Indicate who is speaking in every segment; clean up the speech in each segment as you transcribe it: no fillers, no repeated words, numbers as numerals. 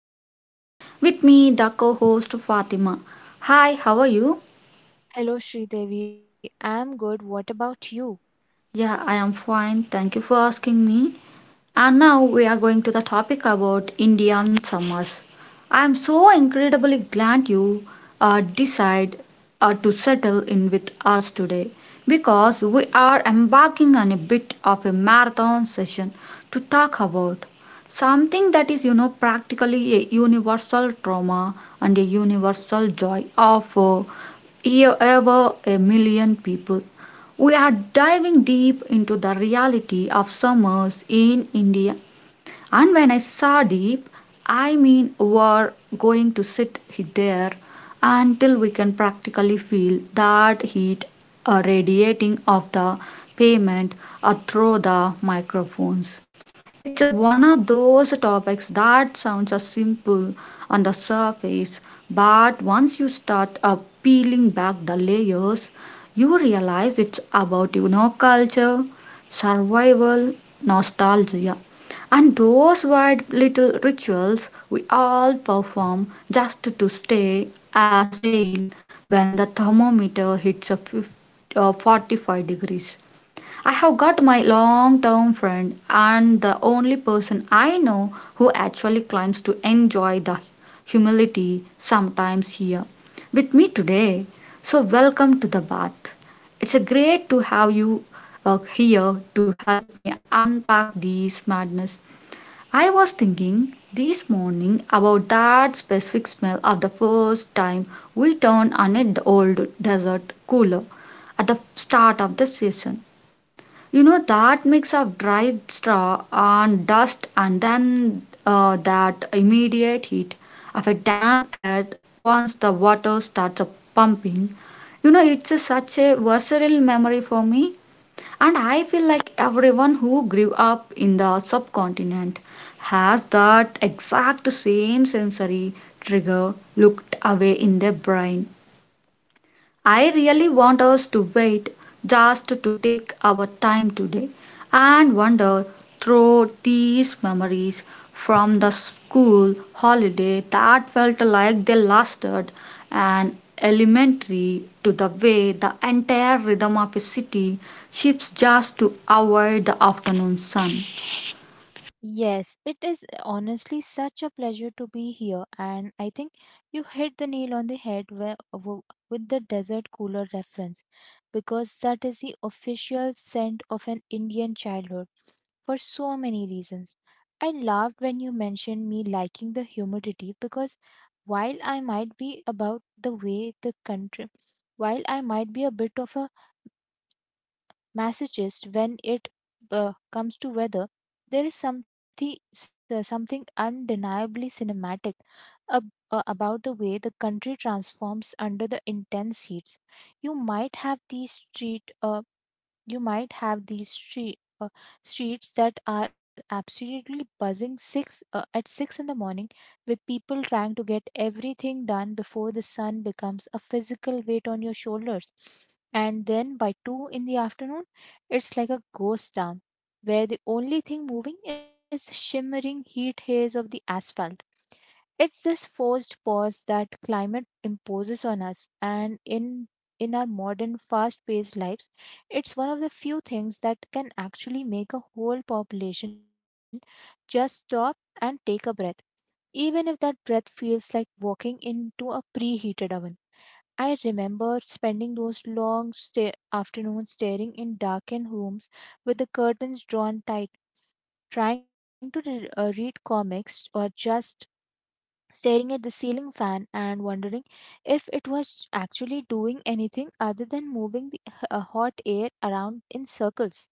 Speaker 1: Sri Devi. With me, the co-host Fatima. Hi, how are you?
Speaker 2: Hello, Sridevi. I'm good. What about you?
Speaker 1: Yeah, I am fine. Thank you for asking me. And now we are going to the topic about Indian summers. I am so incredibly glad you decide to settle in with us today because we are embarking on a bit of a marathon session to talk about something that is you know practically a universal trauma and a universal joy of over a million people we are diving deep into the reality of summers in India. And when I saw deep, I mean we're going to sit there until we can practically feel that heat radiating off the pavement through the microphones. It's a one of those topics that sounds simple on the surface, but once you start peeling back the layers, you realize it's about you know culture, survival, nostalgia, and those weird little rituals we all perform just to stay sane when the thermometer hits a 45 degrees. I have got my long term friend and the only person I know who actually climbs to enjoy the humility sometimes here with me today. So, welcome to the bath. It's a great to have you here to help me unpack these madness. I was thinking this morning about that specific smell of the first time we turned on an old desert cooler at the start of the season. You know that mix of dry straw and dust, and then that immediate heat of a damp earth once the water starts pumping. You know it's a, such a visceral memory for me. And I feel like everyone who grew up in the subcontinent has that exact same sensory trigger looked away in their brain. I really want us to wait just to take our time today and wander through these memories, from the school holiday that felt like they lasted an elementary, to the way the entire rhythm of a city shifts just to avoid the afternoon sun.
Speaker 2: Yes, it is honestly such a pleasure to be here, and I think you hit the nail on the head with the desert cooler reference, because that is the official scent of an Indian childhood for so many reasons. I laughed when you mentioned me liking the humidity because while I might be about the way the country, while I might be a bit of a Massachusetts, when it comes to weather, there is something undeniably cinematic about the way the country transforms under the intense heats. You might have these street uh, you might have these streets that are absolutely buzzing six at six in the morning, with people trying to get everything done before the sun becomes a physical weight on your shoulders. And then by 2 in the afternoon, it's like a ghost town, where the only thing moving is the shimmering heat haze of the asphalt. It's this forced pause that climate imposes on us, and in our modern fast-paced lives, it's one of the few things that can actually make a whole population just stop and take a breath, even if that breath feels like walking into a preheated oven. I remember spending those long afternoons staring in darkened rooms with the curtains drawn tight, trying to read comics or just staring at the ceiling fan and wondering if it was actually doing anything other than moving the hot air around in circles.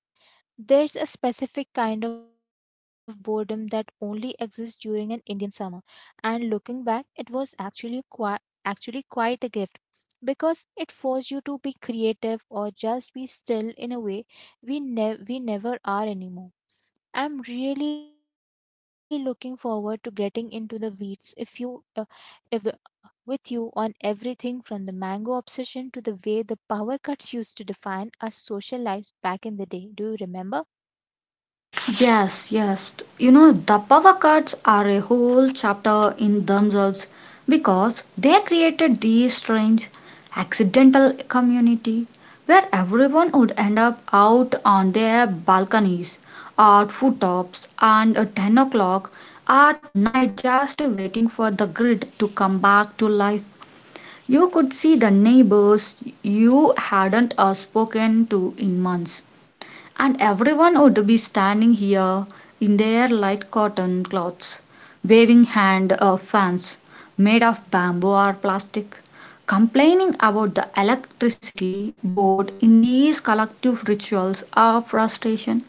Speaker 2: There's a specific kind of boredom that only exists during an Indian summer, and looking back, it was actually quite a gift because it forced you to be creative or just be still in a way we never are anymore. I'm really looking forward to getting into the weeds if you if with you on everything from the mango obsession to the way the power cuts used to define our social lives back in the day. Do you remember?
Speaker 1: Yes, yes. You know, the power cuts are a whole chapter in themselves because they created these strange accidental community where everyone would end up out on their balconies or foottops and at 10 o'clock at night just waiting for the grid to come back to life. You could see the neighbors you hadn't spoken to in months, and everyone would be standing here in their light cotton clothes, waving hand fans made of bamboo or plastic, complaining about the electricity board in these collective rituals of frustration.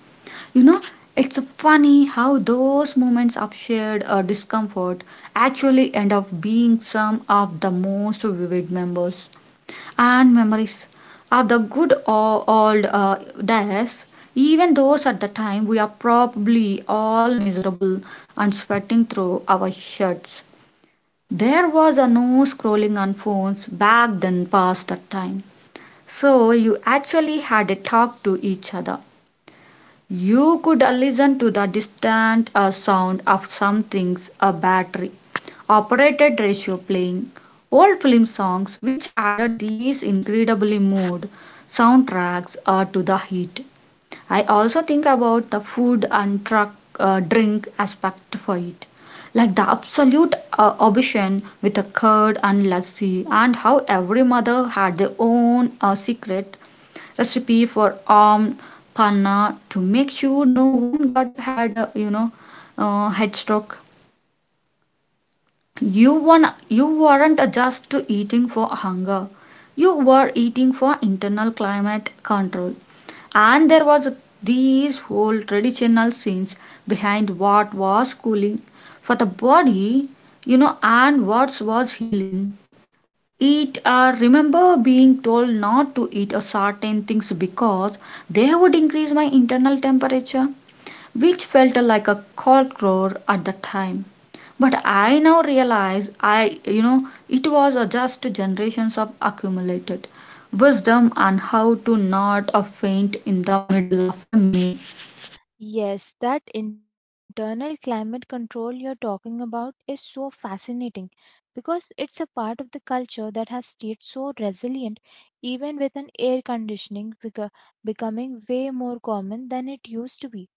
Speaker 1: You know, it's funny how those moments of shared discomfort actually end up being some of the most vivid memories and memories of the good old days. Even those at the time, we are probably all miserable and sweating through our shirts. There was a no scrolling on phones back then past that time. So you actually had a talk to each other. You could listen to the distant sound of something's a battery operated ratio playing old film songs, which added these incredibly mood soundtracks to the heat. I also think about the food and truck drink aspect for it. Like the absolute obsession with the curd and lassi, and how every mother had their own secret recipe for armed panna to make sure no one got had a, you know, head stroke. You won, you weren't just eating for hunger. You were eating for internal climate control. And there was these whole traditional scenes behind what was cooling for the body, you know, and what was healing eat, or remember being told not to eat a certain things because they would increase my internal temperature, which felt like a cold at the time, but I now realize I you know it was just generations of accumulated wisdom on how to not faint in the middle of a meal.
Speaker 2: Yes, that internal climate control you're talking about is so fascinating because it's a part of the culture that has stayed so resilient even with an air conditioning becoming way more common than it used to be.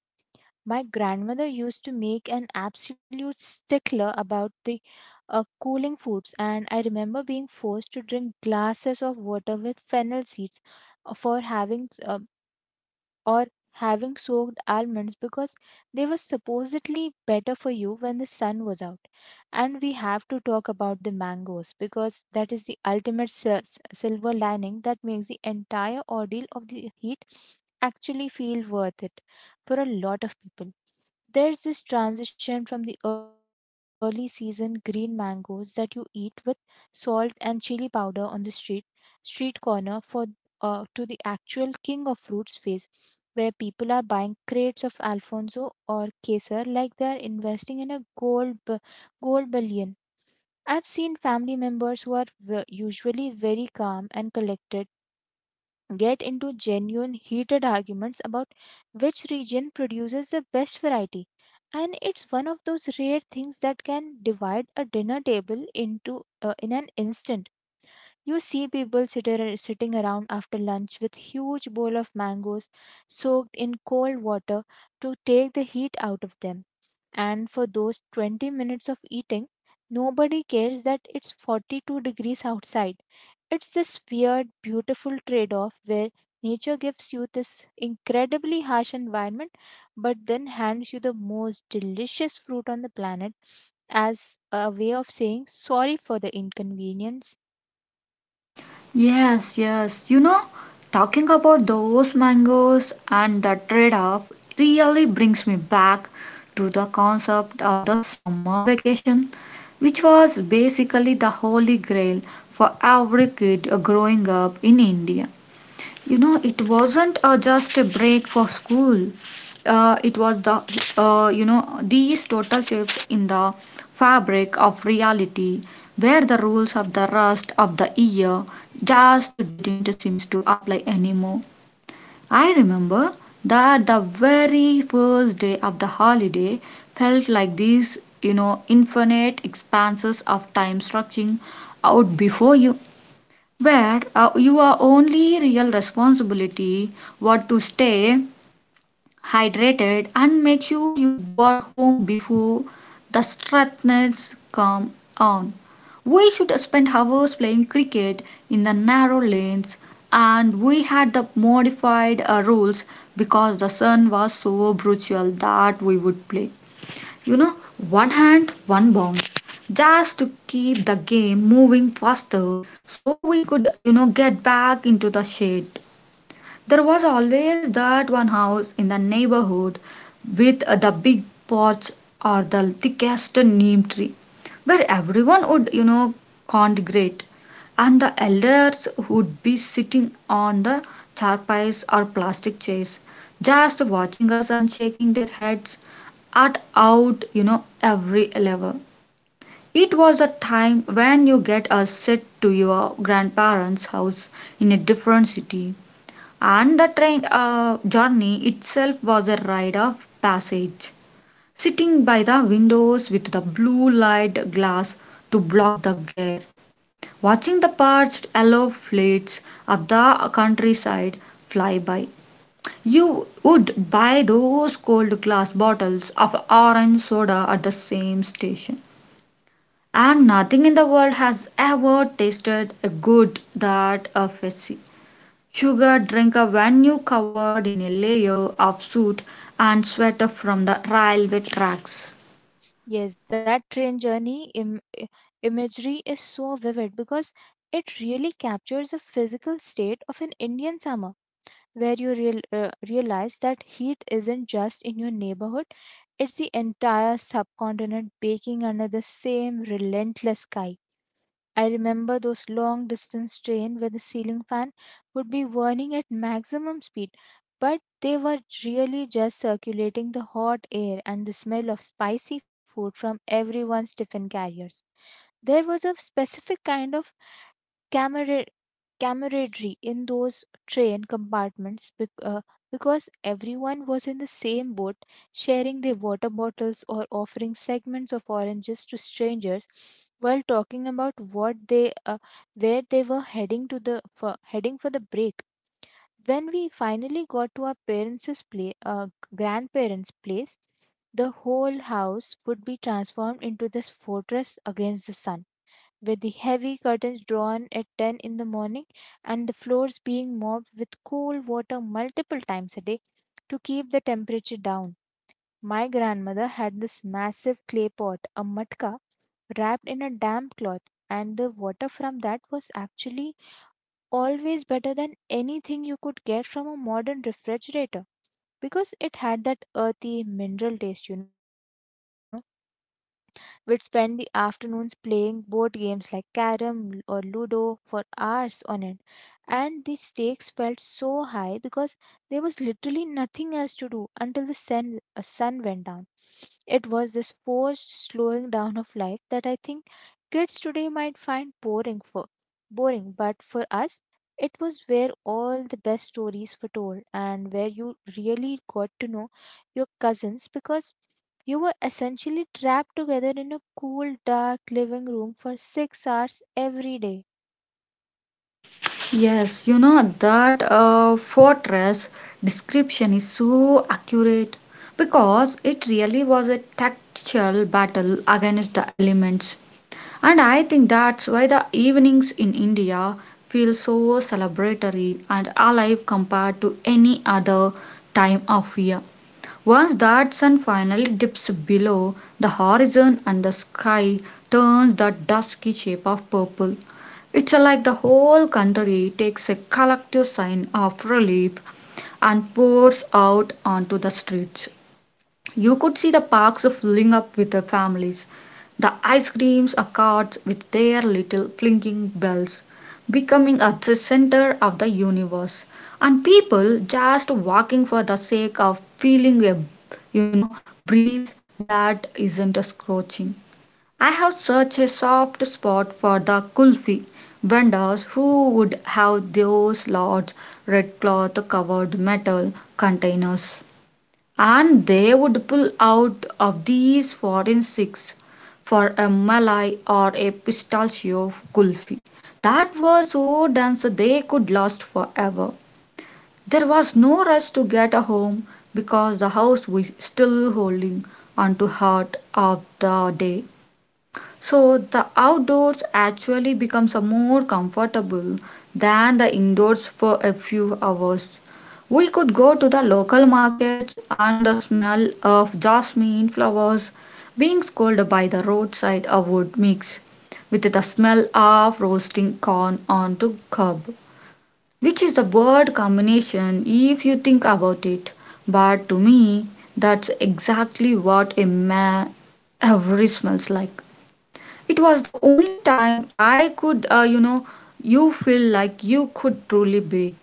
Speaker 2: My grandmother used to make an absolute stickler about the cooling foods, and I remember being forced to drink glasses of water with fennel seeds for or having soaked almonds because they were supposedly better for you when the sun was out. And we have to talk about the mangoes because that is the ultimate silver lining that makes the entire ordeal of the heat actually feel worth it for a lot of people. There's this transition from the early season green mangoes that you eat with salt and chili powder on the street corner, for to the actual king of fruits phase where people are buying crates of alfonso or Kesar like they're investing in a gold bullion. I've seen family members who are usually very calm and collected get into genuine heated arguments about which region produces the best variety, and it's one of those rare things that can divide a dinner table into in an instant. You see people sitting around after lunch with huge bowl of mangoes soaked in cold water to take the heat out of them, and for those 20 minutes of eating, nobody cares that it's 42 degrees outside. It's this weird, beautiful trade off where nature gives you this incredibly harsh environment, but then hands you the most delicious fruit on the planet as a way of saying sorry for the inconvenience.
Speaker 1: Yes, yes. You know, talking about those mangoes and the trade off really brings me back to the concept of the summer vacation, which was basically the holy grail for every kid growing up in India. You know, it wasn't just a break for school. It was the, you know, these total shifts in the fabric of reality, where the rules of the rest of the year just didn't seem to apply anymore. I remember that the very first day of the holiday felt like these, you know, infinite expanses of time stretching out before you, where your only real responsibility was to stay hydrated and make sure you were home before the strictness come on. We should spend hours playing cricket in the narrow lanes, and we had the modified rules because the sun was so brutal that we would play you know one hand one bounce just to keep the game moving faster so we could you know get back into the shade. There was always that one house in the neighborhood with the big porch or the thickest neem tree, where everyone would, you know, congregate, and the elders would be sitting on the charpais or plastic chairs, just watching us and shaking their heads at out, you know, every level. It was a time when you get a set to your grandparents' house in a different city, and the train journey itself was a rite of passage. Sitting by the windows with the blue light glass to block the glare, watching the parched yellow fleets of the countryside fly by, you would buy those cold glass bottles of orange soda at the same station. And nothing in the world has ever tasted a good that of a sea. Sugar drinker when you covered in a layer of soot and sweat from the railway tracks.
Speaker 2: Yes, that train journey imagery is so vivid because it really captures the physical state of an Indian summer, where you realize that heat isn't just in your neighborhood, it's the entire subcontinent baking under the same relentless sky. I remember those long distance trains where the ceiling fan would be whirling at maximum speed, but they were really just circulating the hot air and the smell of spicy food from everyone's tiffin carriers. There was a specific kind of camaraderie camaraderie in those train compartments because everyone was in the same boat, sharing their water bottles or offering segments of oranges to strangers while talking about what they where they were heading heading for the break. When we finally got to our grandparents' place, the whole house would be transformed into this fortress against the sun with the heavy curtains drawn at 10 in the morning and the floors being mopped with cool water multiple times a day to keep the temperature down. My grandmother had this massive clay pot, a matka, wrapped in a damp cloth, and the water from that was actually always better than anything you could get from a modern refrigerator because it had that earthy mineral taste, you know. We'd spend the afternoons playing board games like Carrom or Ludo for hours on end. And the stakes felt so high because there was literally nothing else to do until the sun went down. It was this forced slowing down of life that I think kids today might find boring, but for us it was where all the best stories were told and where you really got to know your cousins because you were essentially trapped together in a cool, dark living room for 6 hours every day.
Speaker 1: Yes, you know that fortress description is so accurate because it really was a tactical battle against the elements. And I think that's why the evenings in India feel so celebratory and alive compared to any other time of year. Once that sun finally dips below the horizon and the sky turns that dusky shape of purple, it's like the whole country takes a collective sign of relief and pours out onto the streets. You could see the parks filling up with the families. The ice creams are carts with their little blinking bells, becoming at the center of the universe. And people just walking for the sake of feeling a, you know, breeze that isn't a scorching. I have such a soft spot for the kulfi vendors who would have those large red cloth covered metal containers. And they would pull out of these forensics for a malai or a pistachio kulfi that were so dense they could last forever. There was no rush to get a home because the house was still holding on to heart of the day. So the outdoors actually becomes a more comfortable than the indoors for a few hours. We could go to the local markets and the smell of jasmine flowers being scolded by the roadside of wood mix with the smell of roasting corn onto cob, which is a word combination if you think about it. But to me, that's exactly what a man every smells like. It was the only time I could, you know, you feel like you could truly breathe.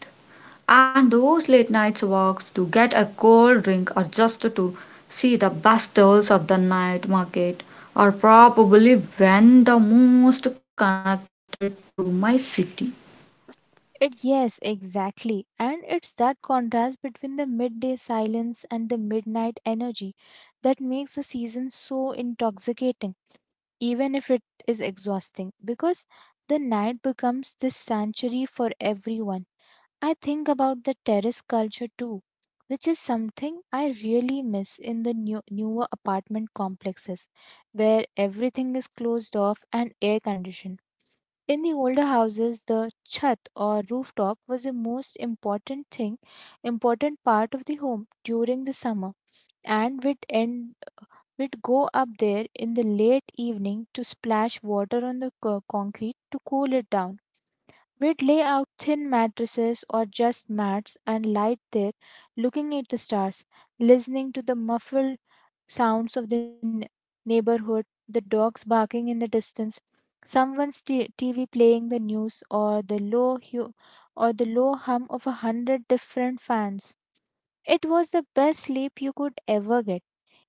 Speaker 1: And those late nights walks to get a cold drink or just to see the best stalls of the night market are probably when the most connected to my city.
Speaker 2: It, yes, exactly. And it's that contrast between the midday silence and the midnight energy that makes the season so intoxicating, even if it is exhausting, because the night becomes this sanctuary for everyone. I think about the terrace culture too, which is something I really miss in the newer apartment complexes where everything is closed off and air conditioned. In the older houses, the chat or rooftop was the important part of the home during the summer, and we'd go up there in the late evening to splash water on the concrete to cool it down. We'd lay out thin mattresses or just mats and lie there looking at the stars, listening to the muffled sounds of the neighborhood, the dogs barking in the distance, someone's TV playing the news, or the low hum of a hundred different fans. It was the best sleep you could ever get,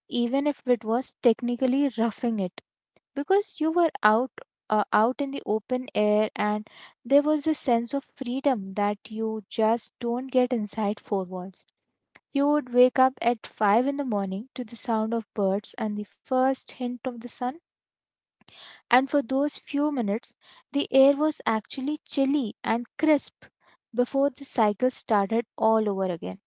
Speaker 2: even if it was technically roughing it because you were out in the open air, and there was a sense of freedom that you just don't get inside four walls. You would wake up at 5 in the morning to the sound of birds and the first hint of the sun, and for those few minutes the air was actually chilly and crisp before the cycle started all over again.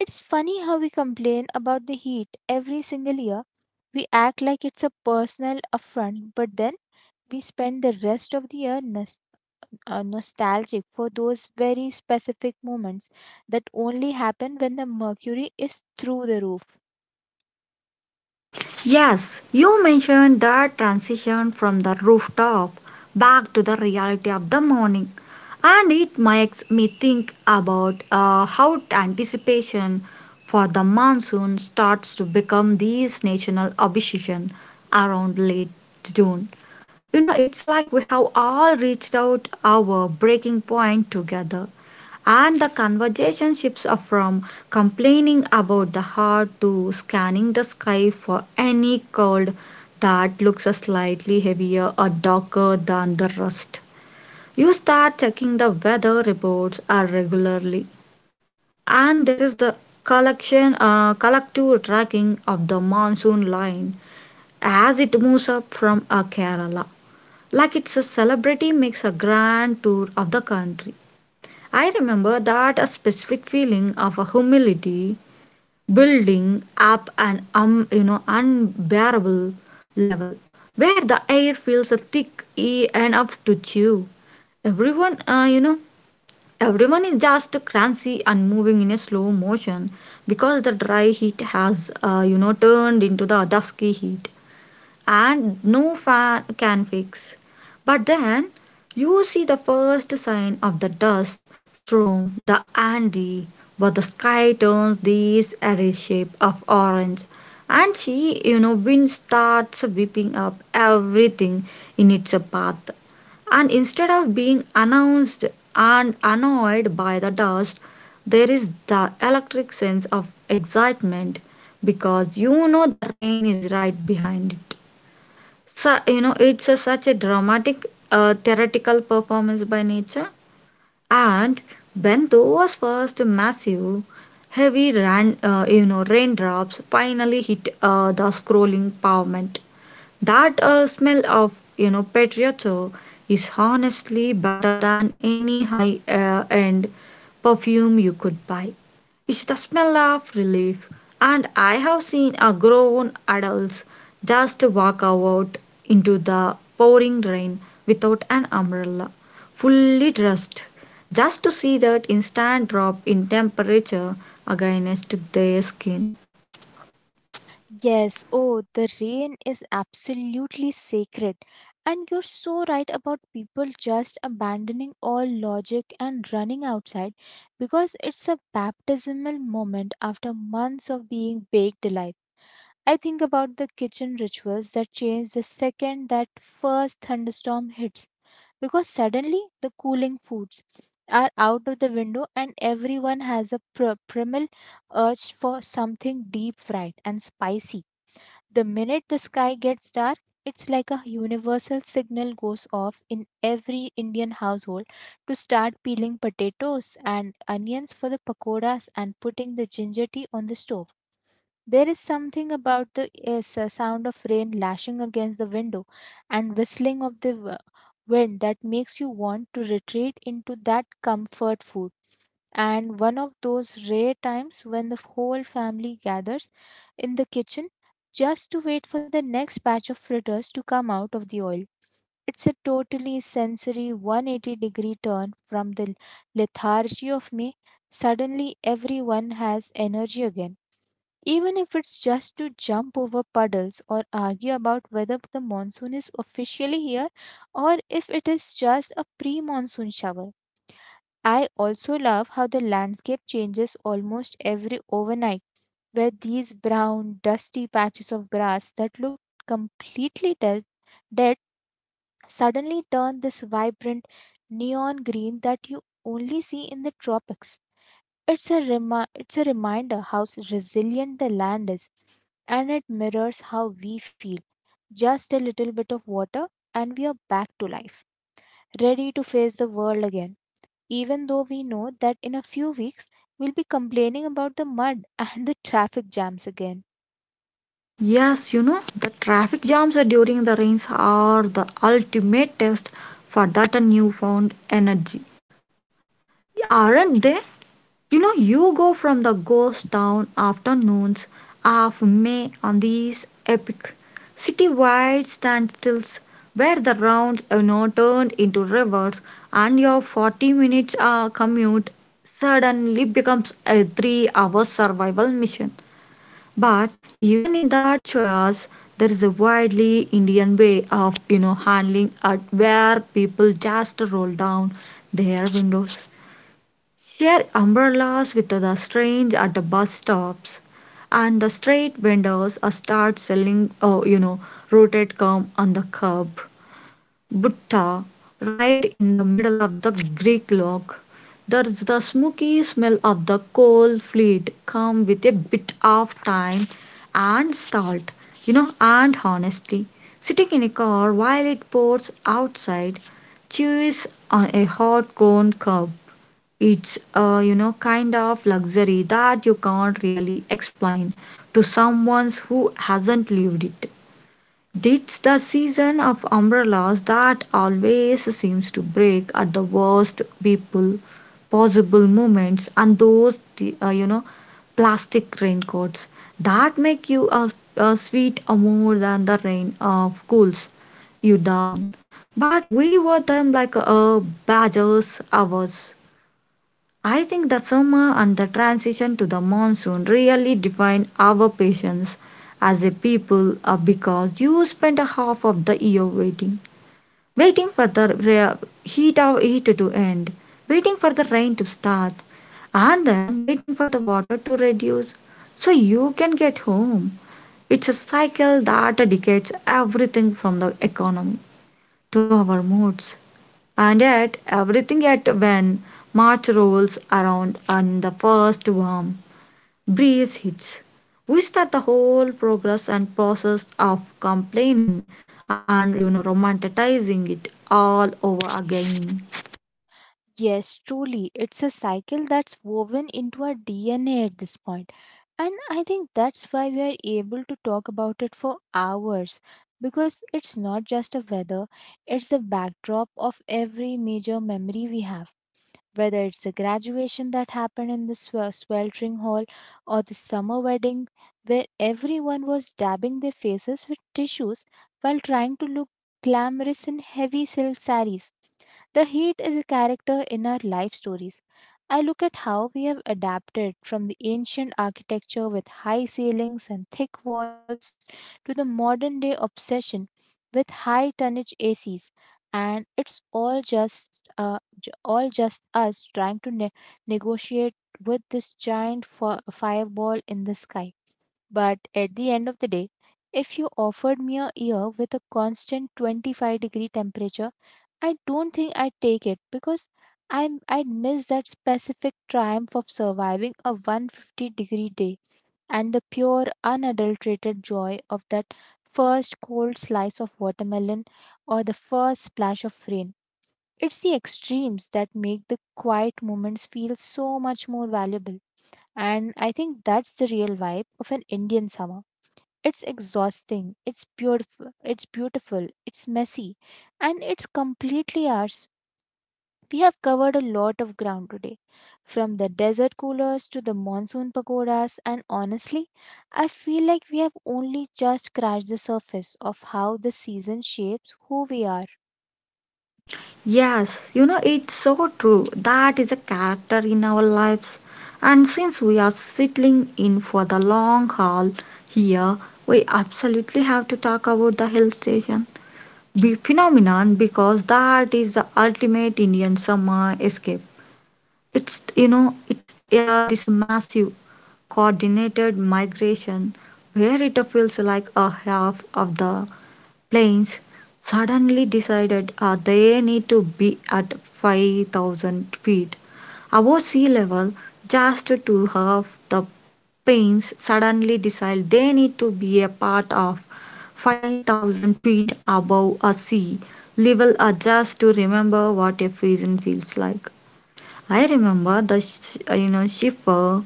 Speaker 2: It's funny how we complain about the heat every single year. We act like it's a personal affront, but then we spend the rest of the year nostalgic for those very specific moments that only happen when the mercury is through the roof.
Speaker 1: Yes, you mentioned that transition from the rooftop back to the reality of the morning, and it makes me think about how anticipation for the monsoon starts to become this national obsession around late June. You know it's like we have all reached out our breaking point together, and the conversation shifts are from complaining about the heart to scanning the sky for any cold that looks slightly heavier or darker than the rest. You start checking the weather reports regularly, and there is the collection collective tracking of the monsoon line as it moves up from Kerala, like it's a celebrity makes a grand tour of the country. I remember that a specific feeling of a humility building up an you know unbearable level, where the air feels thick enough to chew. Everyone, you know, everyone is just cranky and moving in a slow motion because the dry heat has, you know, turned into the dusky heat and no fan can fix. But then you see the first sign of the dust storm, the Andy, where the sky turns this eerie shape of orange, and she, you know, wind starts whipping up everything in its path. And instead of being announced and annoyed by the dust, there is the electric sense of excitement because you know the rain is right behind it. It's such a dramatic, theatrical performance by nature. And when those first massive, heavy raindrops finally hit the scrolling pavement, that smell of Patriotto is honestly better than any high end perfume you could buy. It's the smell of relief, and I have seen a grown adults just walk out into the pouring rain without an umbrella, fully dressed, just to see that instant drop in temperature against their skin.
Speaker 2: Yes, oh, the rain is absolutely sacred. And you're so right about people just abandoning all logic and running outside because it's a baptismal moment after months of being baked alive. I think about the kitchen rituals that change the second that first thunderstorm hits because suddenly the cooling foods are out of the window, and everyone has a primal urge for something deep fried and spicy. The minute the sky gets dark, it's like a universal signal goes off in every Indian household to start peeling potatoes and onions for the pakoras and putting the ginger tea on the stove. There is something about the sound of rain lashing against the window and whistling of the wind that makes you want to retreat into that comfort food, and one of those rare times when the whole family gathers in the kitchen just to wait for the next batch of fritters to come out of the oil. It's a totally sensory 180 degree turn from the lethargy of May. Suddenly, everyone has energy again, even if it's just to jump over puddles or argue about whether the monsoon is officially here or if it is just a pre monsoon shower. I also love how the landscape changes almost every overnight, where these brown, dusty patches of grass that looked dead suddenly turn this vibrant neon green that you only see in the tropics. It's a reminder how resilient the land is, and it mirrors how we feel. Just a little bit of water, and we are back to life, ready to face the world again even though we know that in a few weeks we'll be complaining about the mud and the traffic jams again.
Speaker 1: Yes, the traffic jams during the rains are the ultimate test for that newfound energy. Aren't they? You know, you go from the ghost town afternoons of May on these epic city-wide standstills where the rounds are now turned into rivers and your 40 minutes commute suddenly becomes a 3-hour survival mission. But even in that chaos, there is a widely Indian way of handling it where people just roll down their windows, share umbrellas with the strange at the bus stops, and the street vendors start selling roasted corn on the curb. Butta, right in the middle of the Greek log. There's the smoky smell of the coal fleet come with a bit of time and salt, and honestly, sitting in a car while it pours outside, chews on a hot cone curb. It's a kind of luxury that you can't really explain to someone who hasn't lived it. It's the season of umbrellas that always seems to break at the worst people possible moments and those plastic raincoats that make you a sweat more than the rain cools you down. But we wore them like badgers ours. I think the summer and the transition to the monsoon really define our patience as a people because you spend a half of the year waiting. Waiting for the heat of heat to end, waiting for the rain to start, and then waiting for the water to reduce so you can get home. It's a cycle that dictates everything from the economy to our moods and yet when March rolls around and the first warm breeze hits, we start the whole progress and process of complaining and romanticizing it all over again.
Speaker 2: Yes, truly, it's a cycle that's woven into our DNA at this point. And I think that's why we are able to talk about it for hours, because it's not just a weather, it's the backdrop of every major memory we have. Whether it's the graduation that happened in the sweltering hall, or the summer wedding where everyone was dabbing their faces with tissues while trying to look glamorous in heavy silk saris. The heat is a character in our life stories. I look at how we have adapted from the ancient architecture with high ceilings and thick walls to the modern day obsession with high tonnage ACs, and it's all just us trying to negotiate with this giant fireball in the sky. But at the end of the day, if you offered me a year with a constant 25-degree temperature, I don't think I'd take it, because I'd miss that specific triumph of surviving a 150-degree day and the pure, unadulterated joy of that first cold slice of watermelon or the first splash of rain. It's the extremes that make the quiet moments feel so much more valuable. And I think that's the real vibe of an Indian summer. It's exhausting, it's beautiful, it's beautiful, it's messy, and it's completely ours. We have covered a lot of ground today, from the desert coolers to the monsoon pagodas, and honestly, I feel like we have only just scratched the surface of how the season shapes who we are.
Speaker 1: Yes, it's so true. That is a character in our lives. And since we are settling in for the long haul here, we absolutely have to talk about the hill station be phenomenon because that is the ultimate Indian summer escape. It's you know it's this massive coordinated migration where it feels like a half of the planes suddenly decided they need to be at 5,000 feet above sea level just to have the planes suddenly decide they need to be a part of 5,000 feet above a sea level just to remember what a prison feels like. I remember the sh- you know ship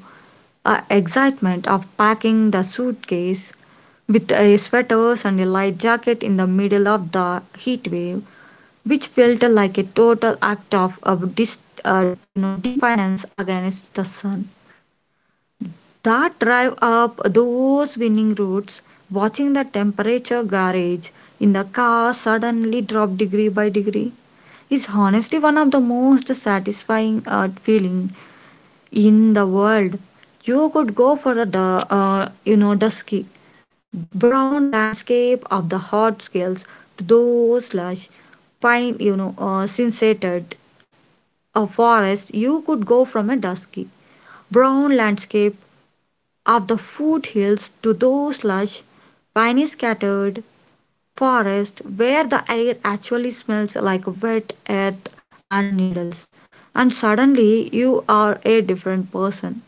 Speaker 1: the excitement of packing the suitcase with a sweaters and a light jacket in the middle of the heat wave, which felt like a total act of dis, defiance against the sun. That drive up those winning routes, watching the temperature gauge in the car suddenly drop degree by degree, is honestly one of the most satisfying feeling in the world. You could go for the you know dusky brown landscape of the hot scales to those slash pine you know synceted a forest. You could go from a dusky brown landscape of the foothills to those slash piney scattered forest where the air actually smells like wet earth and needles and suddenly you are a different person.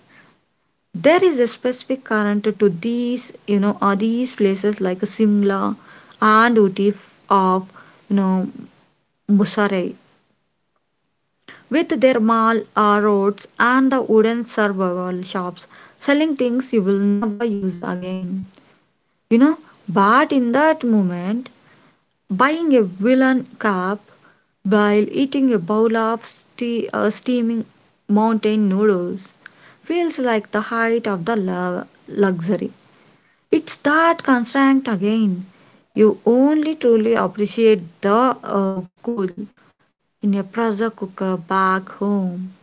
Speaker 1: There is a specific current to these you know or these places like Simla and Uti of you know Musarai with their mall roads and the wooden survival shops selling things you will never use again you know but in that moment buying a woolen cup while eating a bowl of steaming mountain noodles feels like the height of the luxury. It's that constraint again. You only truly appreciate the cool in a pressure cooker back home.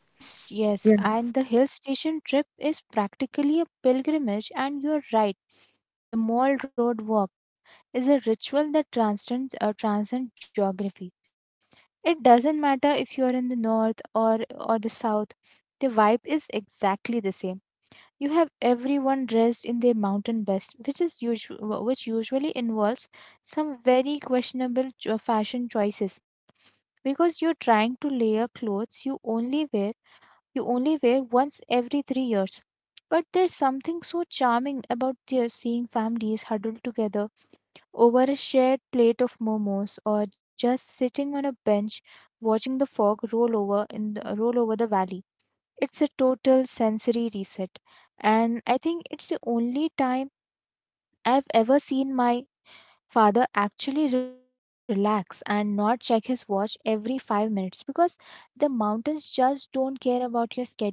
Speaker 2: Yes, yes,
Speaker 1: Yeah.
Speaker 2: and the hill station trip is practically a pilgrimage, and you're right. The mall road walk is a ritual that transcends geography. It doesn't matter if you're in the north or the south. The vibe is exactly the same. You have everyone dressed in their mountain best, which which usually involves some very questionable fashion choices, because you're trying to layer clothes you only wear once every 3 years. But there's something so charming about their seeing families huddled together over a shared plate of momos, or just sitting on a bench watching the fog roll over the valley. It's a total sensory reset, and I think it's the only time I've ever seen my father actually relax and not check his watch every 5 minutes, because the mountains just don't care about your schedule.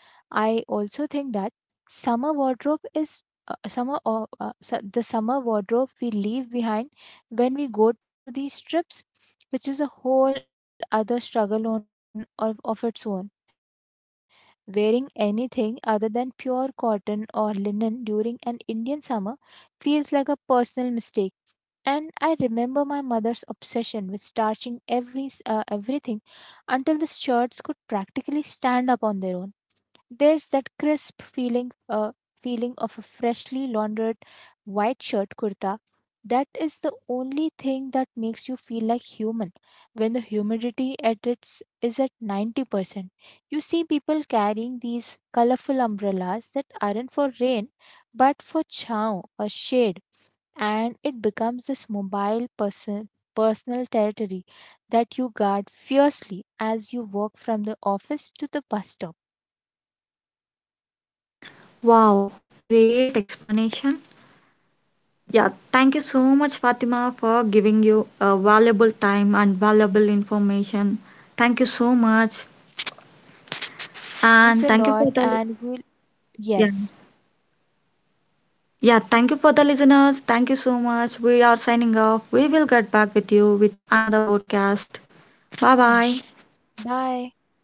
Speaker 2: I also think that summer wardrobe is summer or su- the summer wardrobe we leave behind when we go to these trips, which is a whole other struggle of its own. Wearing anything other than pure cotton or linen during an Indian summer feels like a personal mistake. And I remember my mother's obsession with starching everything until the shirts could practically stand up on their own. There's that crisp feeling of a freshly laundered white shirt kurta. That is the only thing that makes you feel like human. When the humidity at its is at 90%, you see people carrying these colorful umbrellas that aren't for rain but for chow or shade, and it becomes this mobile person personal territory that you guard fiercely as you walk from the office to the bus stop.
Speaker 1: Wow, great explanation. Yeah, thank you so much, Fatima, for giving you valuable time and valuable information. Thank you so much, and
Speaker 2: Thanks a
Speaker 1: thank you for
Speaker 2: lot,
Speaker 1: the
Speaker 2: and
Speaker 1: yeah.
Speaker 2: yes.
Speaker 1: Yeah, thank you for the listeners. Thank you so much. We are signing off. We will get back with you with another podcast. Bye bye.
Speaker 2: Mm. Bye.